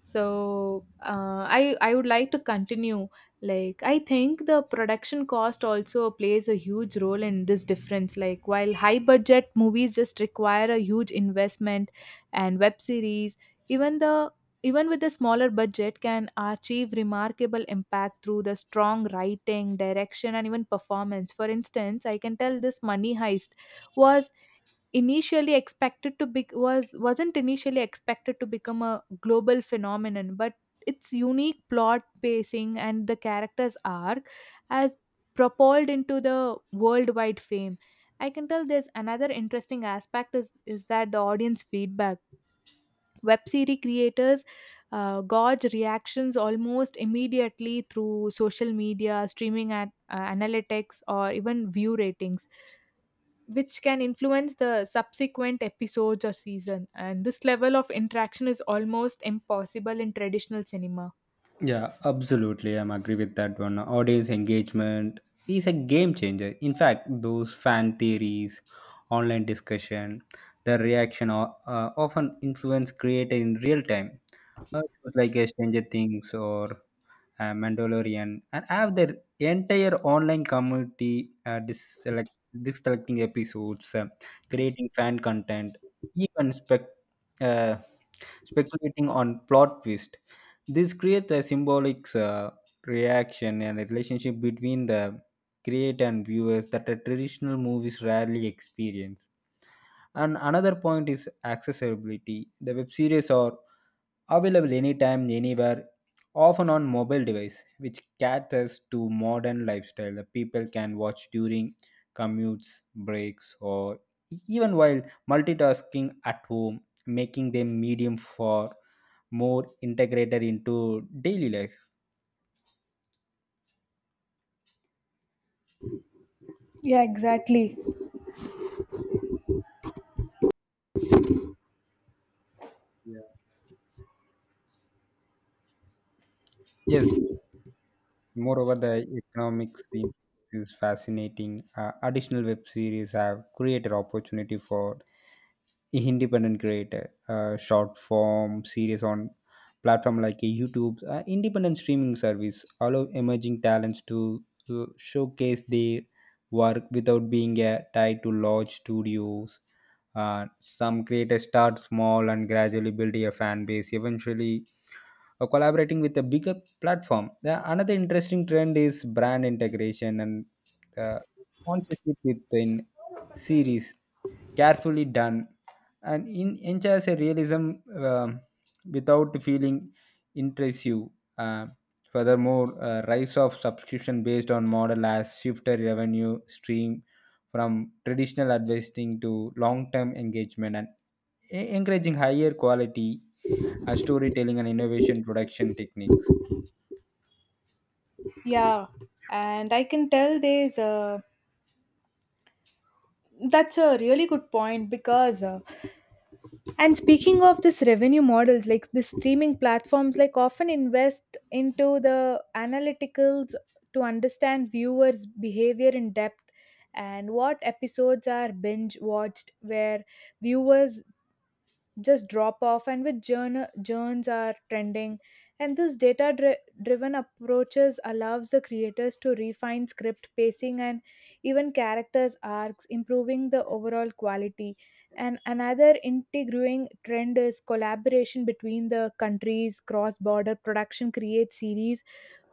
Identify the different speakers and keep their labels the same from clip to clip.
Speaker 1: So I would like to continue. Like I think the production cost also plays a huge role in this difference. Like, while high budget movies just require a huge investment and web series, even the even with a smaller budget, can achieve remarkable impact through the strong writing, direction and even performance. For instance, I can tell this Money Heist was wasn't initially expected to become a global phenomenon, but its unique plot, pacing and the characters arc has propelled into the worldwide fame. I can tell there's another interesting aspect is that the audience feedback, web series creators gauge reactions almost immediately through social media, streaming at analytics or even view ratings, which can influence the subsequent episodes or season. And this level of interaction is almost impossible in traditional cinema.
Speaker 2: Yeah, absolutely. I'm agree with that one. Audience engagement is a game changer. In fact, those fan theories, online discussion, the reaction are, often influence created in real time. Shows like Stranger Things or Mandalorian, and have their entire online community selecting episodes, creating fan content, even spec uh, speculating on plot twist. This creates a symbolic reaction and a relationship between the creator and viewers that a traditional movies rarely experience. And another point is accessibility. The web series are available anytime, anywhere, often on mobile device, which caters to modern lifestyle. The people can watch during commutes, breaks, or even while multitasking at home, making them medium for more integrated into daily life.
Speaker 1: Yeah, exactly.
Speaker 2: Yeah. Yes, moreover, the economics theme is fascinating. Additional web series have created opportunity for independent creator, short form series on platform like a YouTube, independent streaming service allow emerging talents to showcase their work without being tied to large studios. Some creators start small and gradually build a fan base. Eventually, collaborating with a bigger platform. The another interesting trend is brand integration and uh, sponsorship within series, carefully done and in ensures a realism um without feeling intrusive. Uh, furthermore, rise of subscription based on model has shifted revenue stream from traditional advertising to long-term engagement and encouraging higher quality and storytelling and innovation production techniques.
Speaker 1: Yeah, and I can tell there's a that's a really good point because and speaking of this revenue models, like the streaming platforms, like, often invest into the analyticals to understand viewers' behavior in depth and what episodes are binge watched, where viewers just drop off and which journs are trending. And this driven approaches allows the creators to refine script, pacing and even characters arcs, improving the overall quality. And another integrating trend is collaboration between the countries. Cross border production creates series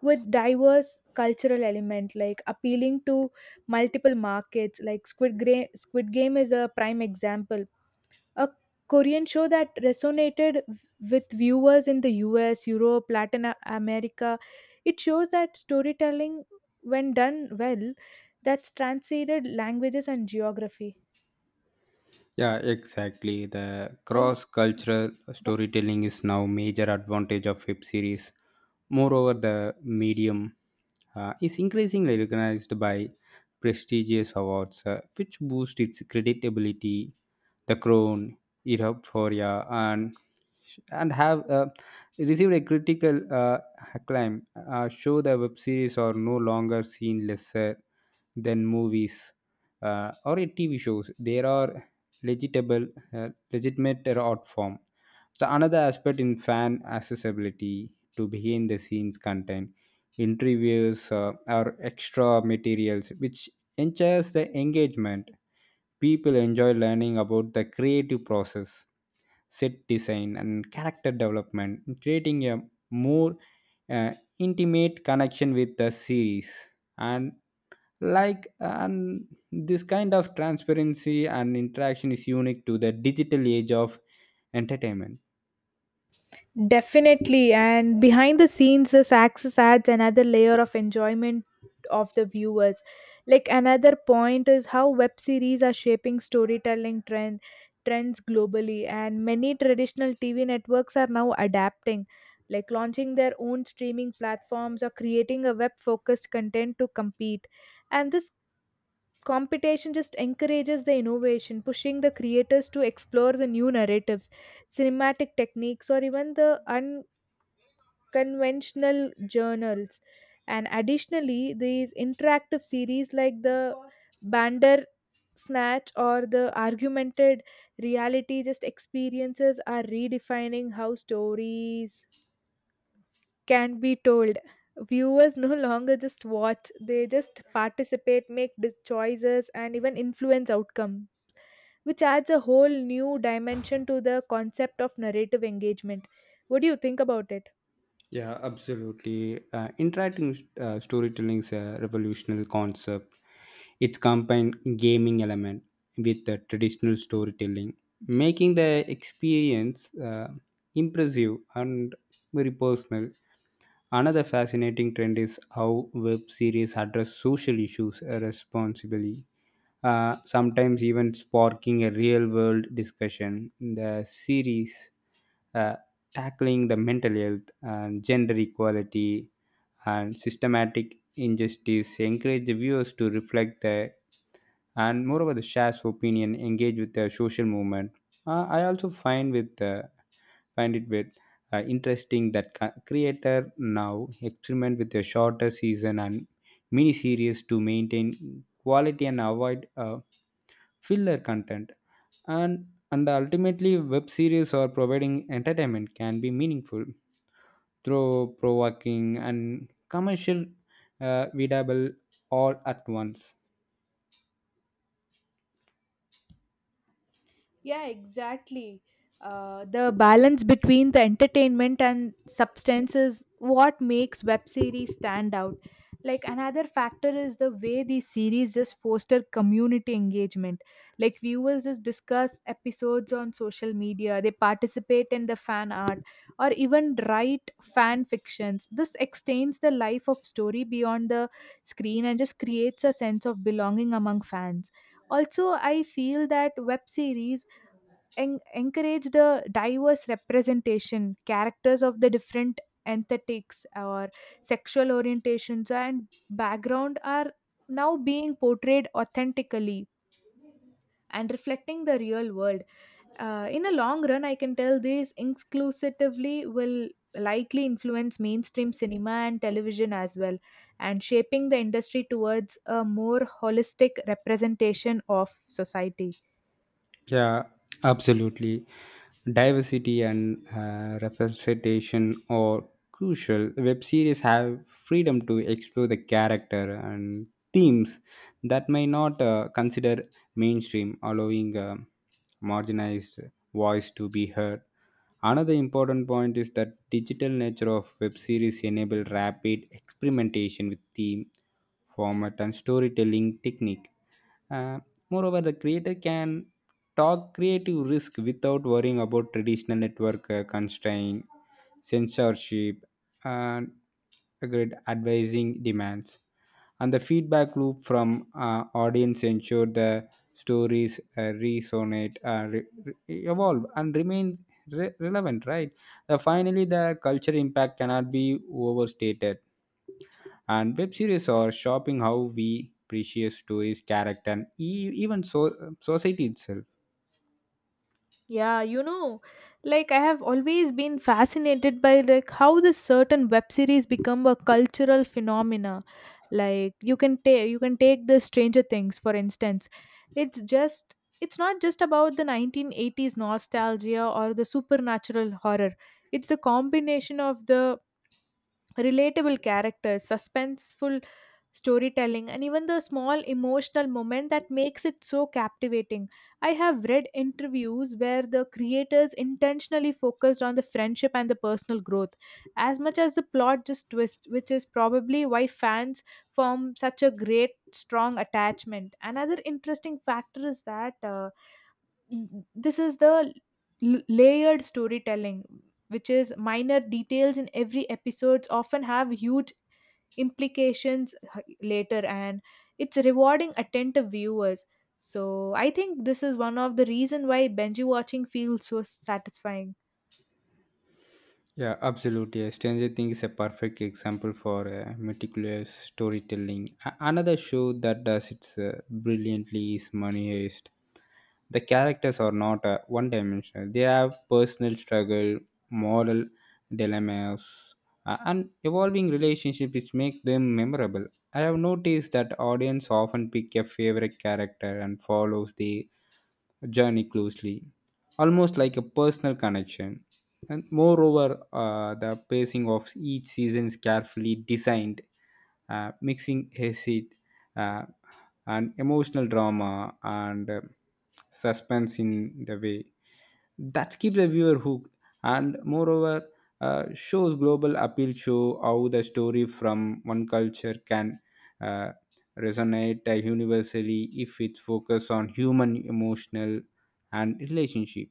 Speaker 1: with diverse cultural element, like appealing to multiple markets, like Squid Game is a prime example, a Korean show that resonated with viewers in the US, Europe, Latin America. It shows that storytelling, when done well, that's transcended languages and geography.
Speaker 2: Yeah, exactly. The
Speaker 1: Right?
Speaker 2: cross-cultural storytelling is now major advantage of web series. Moreover, the medium is increasingly recognized by prestigious awards, which boost its credibility. The Crown, Europe Foria, and have received a critical acclaim. Show the web series are no longer seen lesser than movies or a TV shows. There are legitimate art form. So another aspect in fan accessibility to behind the scenes content, interviews or extra materials, which ensures the engagement. People enjoy learning about the creative process, set design, and character development, creating a more uh, intimate connection with the series and and this kind of transparency and interaction is unique to the digital age of entertainment.
Speaker 1: Definitely. And behind the scenes, this access adds another layer of enjoyment of the viewers. Like, another point is how web series are shaping storytelling trends globally, and many traditional TV networks are now adapting, like launching their own streaming platforms or creating a web focused content to compete. And this competition just encourages the innovation, pushing the creators to explore the new narratives, cinematic techniques or even the conventional journals. And additionally, these interactive series like the Bander Snatch or the Argumented Reality just experiences are redefining how stories can be told. Viewers no longer just watch, they just participate, make the choices, and even influence outcome, which adds a whole new dimension to the concept of narrative engagement. What do you think about it?
Speaker 2: Yeah, absolutely. Interacting storytelling is a revolutionary concept. It's combined gaming element with the traditional storytelling, making the experience impressive and very personal. Another fascinating trend is how web series address social issues responsibly, sometimes even sparking a real world discussion. The series uh, tackling the mental health and gender equality and systematic injustice encourage the viewers to reflect the. And moreover the shares opinion engage with the social movement. Uh, i also find with uh, find it with interesting that creator now experiment with a shorter season and mini series to maintain quality and avoid filler content. And and ultimately web series or providing entertainment can be meaningful through provoking and commercial, readable, all at once.
Speaker 1: Yeah, exactly. The balance between the entertainment and substance is what makes web series stand out. Like another factor is the way these series just foster community engagement. Like, viewers just discuss episodes on social media, they participate in the fan art, or even write fan fictions. This extends the life of story beyond the screen and just creates a sense of belonging among fans. Also, I feel that web series encourage the diverse representation. Characters of the different aesthetics or sexual orientations and background are now being portrayed authentically and reflecting the real world. In a long run, I can tell this inclusively will likely influence mainstream cinema and television as well, and shaping the industry towards a more holistic representation of society.
Speaker 2: Yeah, absolutely. Diversity and representation are crucial. Web series have freedom to explore the character and themes that may not consider mainstream, allowing marginalized voice to be heard. Another important point is that digital nature of web series enable rapid experimentation with theme, format, and storytelling technique. Uh, Moreover, the creator can talk creative risk without worrying about traditional network constraint, censorship, and grid advising demands. And the feedback loop from audience ensure the stories evolve and remain relevant, right? Finally, the culture impact cannot be overstated, and web series are shaping how we appreciate stories character and even so society itself.
Speaker 1: Yeah, you know, like, I have always been fascinated by like how this certain web series become a cultural phenomena. Like, you can take the Stranger Things for instance. It's just it's not just about the 1980s nostalgia or the supernatural horror. It's the combination of the relatable characters, suspenseful storytelling, and even the small emotional moment that makes it so captivating. I have read interviews where the creators intentionally focused on the friendship and the personal growth as much as the plot just twists, which is probably why fans form such a great, strong attachment. Another interesting factor is that. This is the layered storytelling, which is minor details in every episode often have huge implications later, and it's rewarding attentive viewers. So I think this is one of the reason why benji watching feels so satisfying.
Speaker 2: Yeah, absolutely. Stranger Things is a perfect example for meticulous storytelling. Another show that does it brilliantly is Money Heist. The characters are not one dimensional, they have personal struggle, moral dilemmas, and evolving relationships which make them memorable. I have noticed that audience often pick a favorite character and follows the journey closely, almost like a personal connection. And moreover, the pacing of each season is carefully designed, mixing acid uh, and emotional drama and suspense in the way that keeps a viewer hooked. And moreover shows global appeal show how the story from one culture can uh, resonate universally if it focus on human emotional and relationship.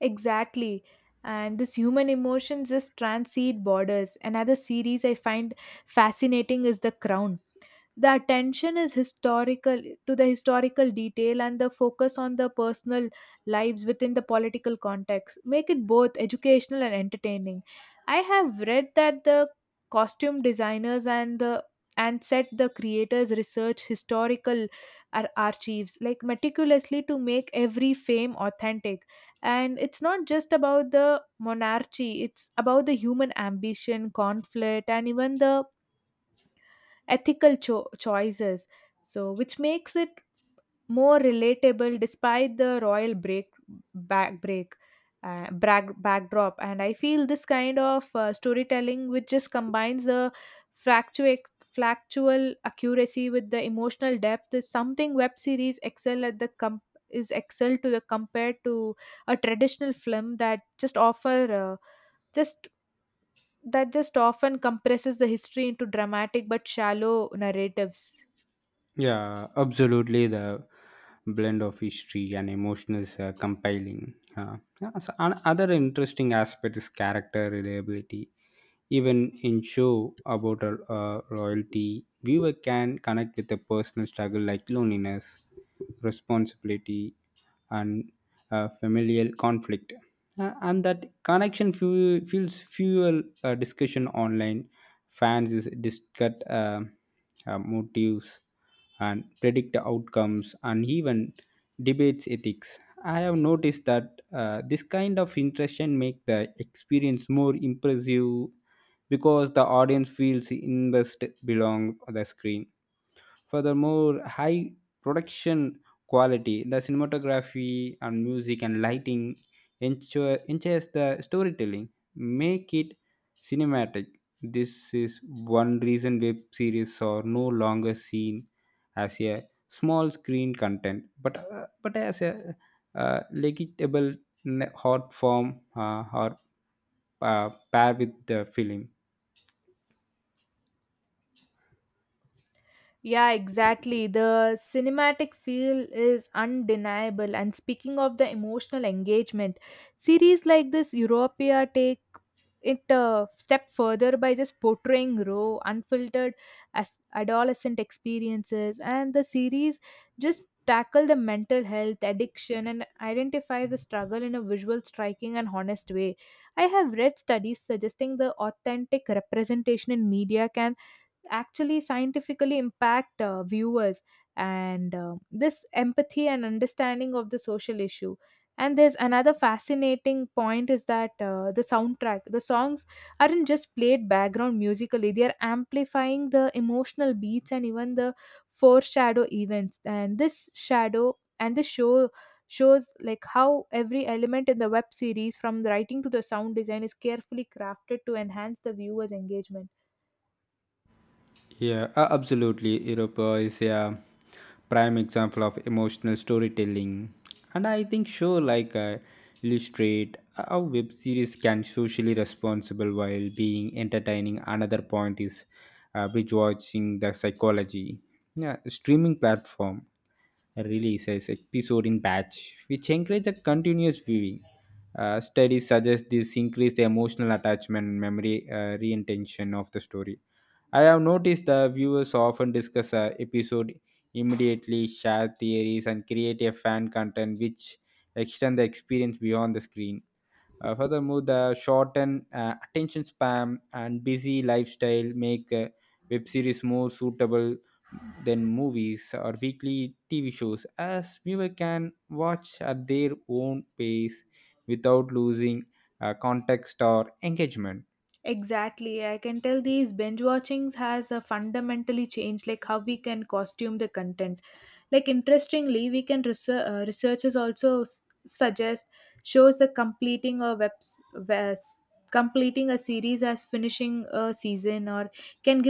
Speaker 1: Exactly. And this human emotions just transcend borders. Another series I find fascinating is The Crown. The attention is historical detail and the focus on the personal lives within the political context make it both educational and entertaining. I have read that the costume designers and the and set, the creators research historical archives like meticulously to make every fame authentic. And it's not just about the monarchy, it's about the human ambition, conflict and even the ethical choices. So which makes it more relatable despite the royal break back break brag, backdrop. And I feel this kind of storytelling, which just combines the factual factual accuracy with the emotional depth, is something web series excel at. The com is excel to the Compared to a traditional film that just offer uh, just that just often compresses the history into dramatic but shallow narratives.
Speaker 2: Yeah, absolutely. The blend of history and emotions compiling. Yeah, so other interesting aspect is character reliability. Even in show about a, royalty, viewer can connect with a personal struggle like loneliness, responsibility, and familial conflict. And that connection feels fuel discussion online. Fans is discuss motives and predict outcomes and even debates ethics. I have noticed that this kind of interaction make the experience more impressive because the audience feels invested belong the screen. Furthermore, high production quality, the cinematography and music and lighting ensures the storytelling, make it cinematic. This is one reason web series are no longer seen as a small screen content but as a legible hot form or pair with the film.
Speaker 1: Yeah, exactly. The cinematic feel is undeniable. And speaking of the emotional engagement, series like this Europea take it a step further by just portraying raw, unfiltered as adolescent experiences. And the series just tackle the mental health, addiction, and identify the struggle in a visual, striking, and honest way. I have read studies suggesting the authentic representation in media can actually scientifically impact viewers and this empathy and understanding of the social issue. And there's another fascinating point is that the soundtrack, the songs aren't just played background musically, they are amplifying the emotional beats and even the foreshadow events. And this shadow and this show shows like how every element in the web series, from the writing to the sound design, is carefully crafted to enhance the viewers engagement.
Speaker 2: Yeah, absolutely. Europe is a prime example of emotional storytelling. And I think show like illustrate how web series can socially responsible while being entertaining. Another point is bridge watching the psychology. Yeah, streaming platform releases episode in batch, which encourage a continuous viewing. Studies suggest this increase the emotional attachment and memory reintention of the story. I have noticed the viewers often discuss a episode immediately, share theories, and create a fan content which extend the experience beyond the screen. Furthermore, the shortened attention span and busy lifestyle make web series more suitable than movies or weekly TV shows, as viewer can watch at their own pace without losing context or engagement.
Speaker 1: Exactly. I can tell these binge watchings has fundamentally changed like how we can costume the content. Like interestingly, researchers also suggest shows a completing a webs, webs completing a series as finishing a season or can give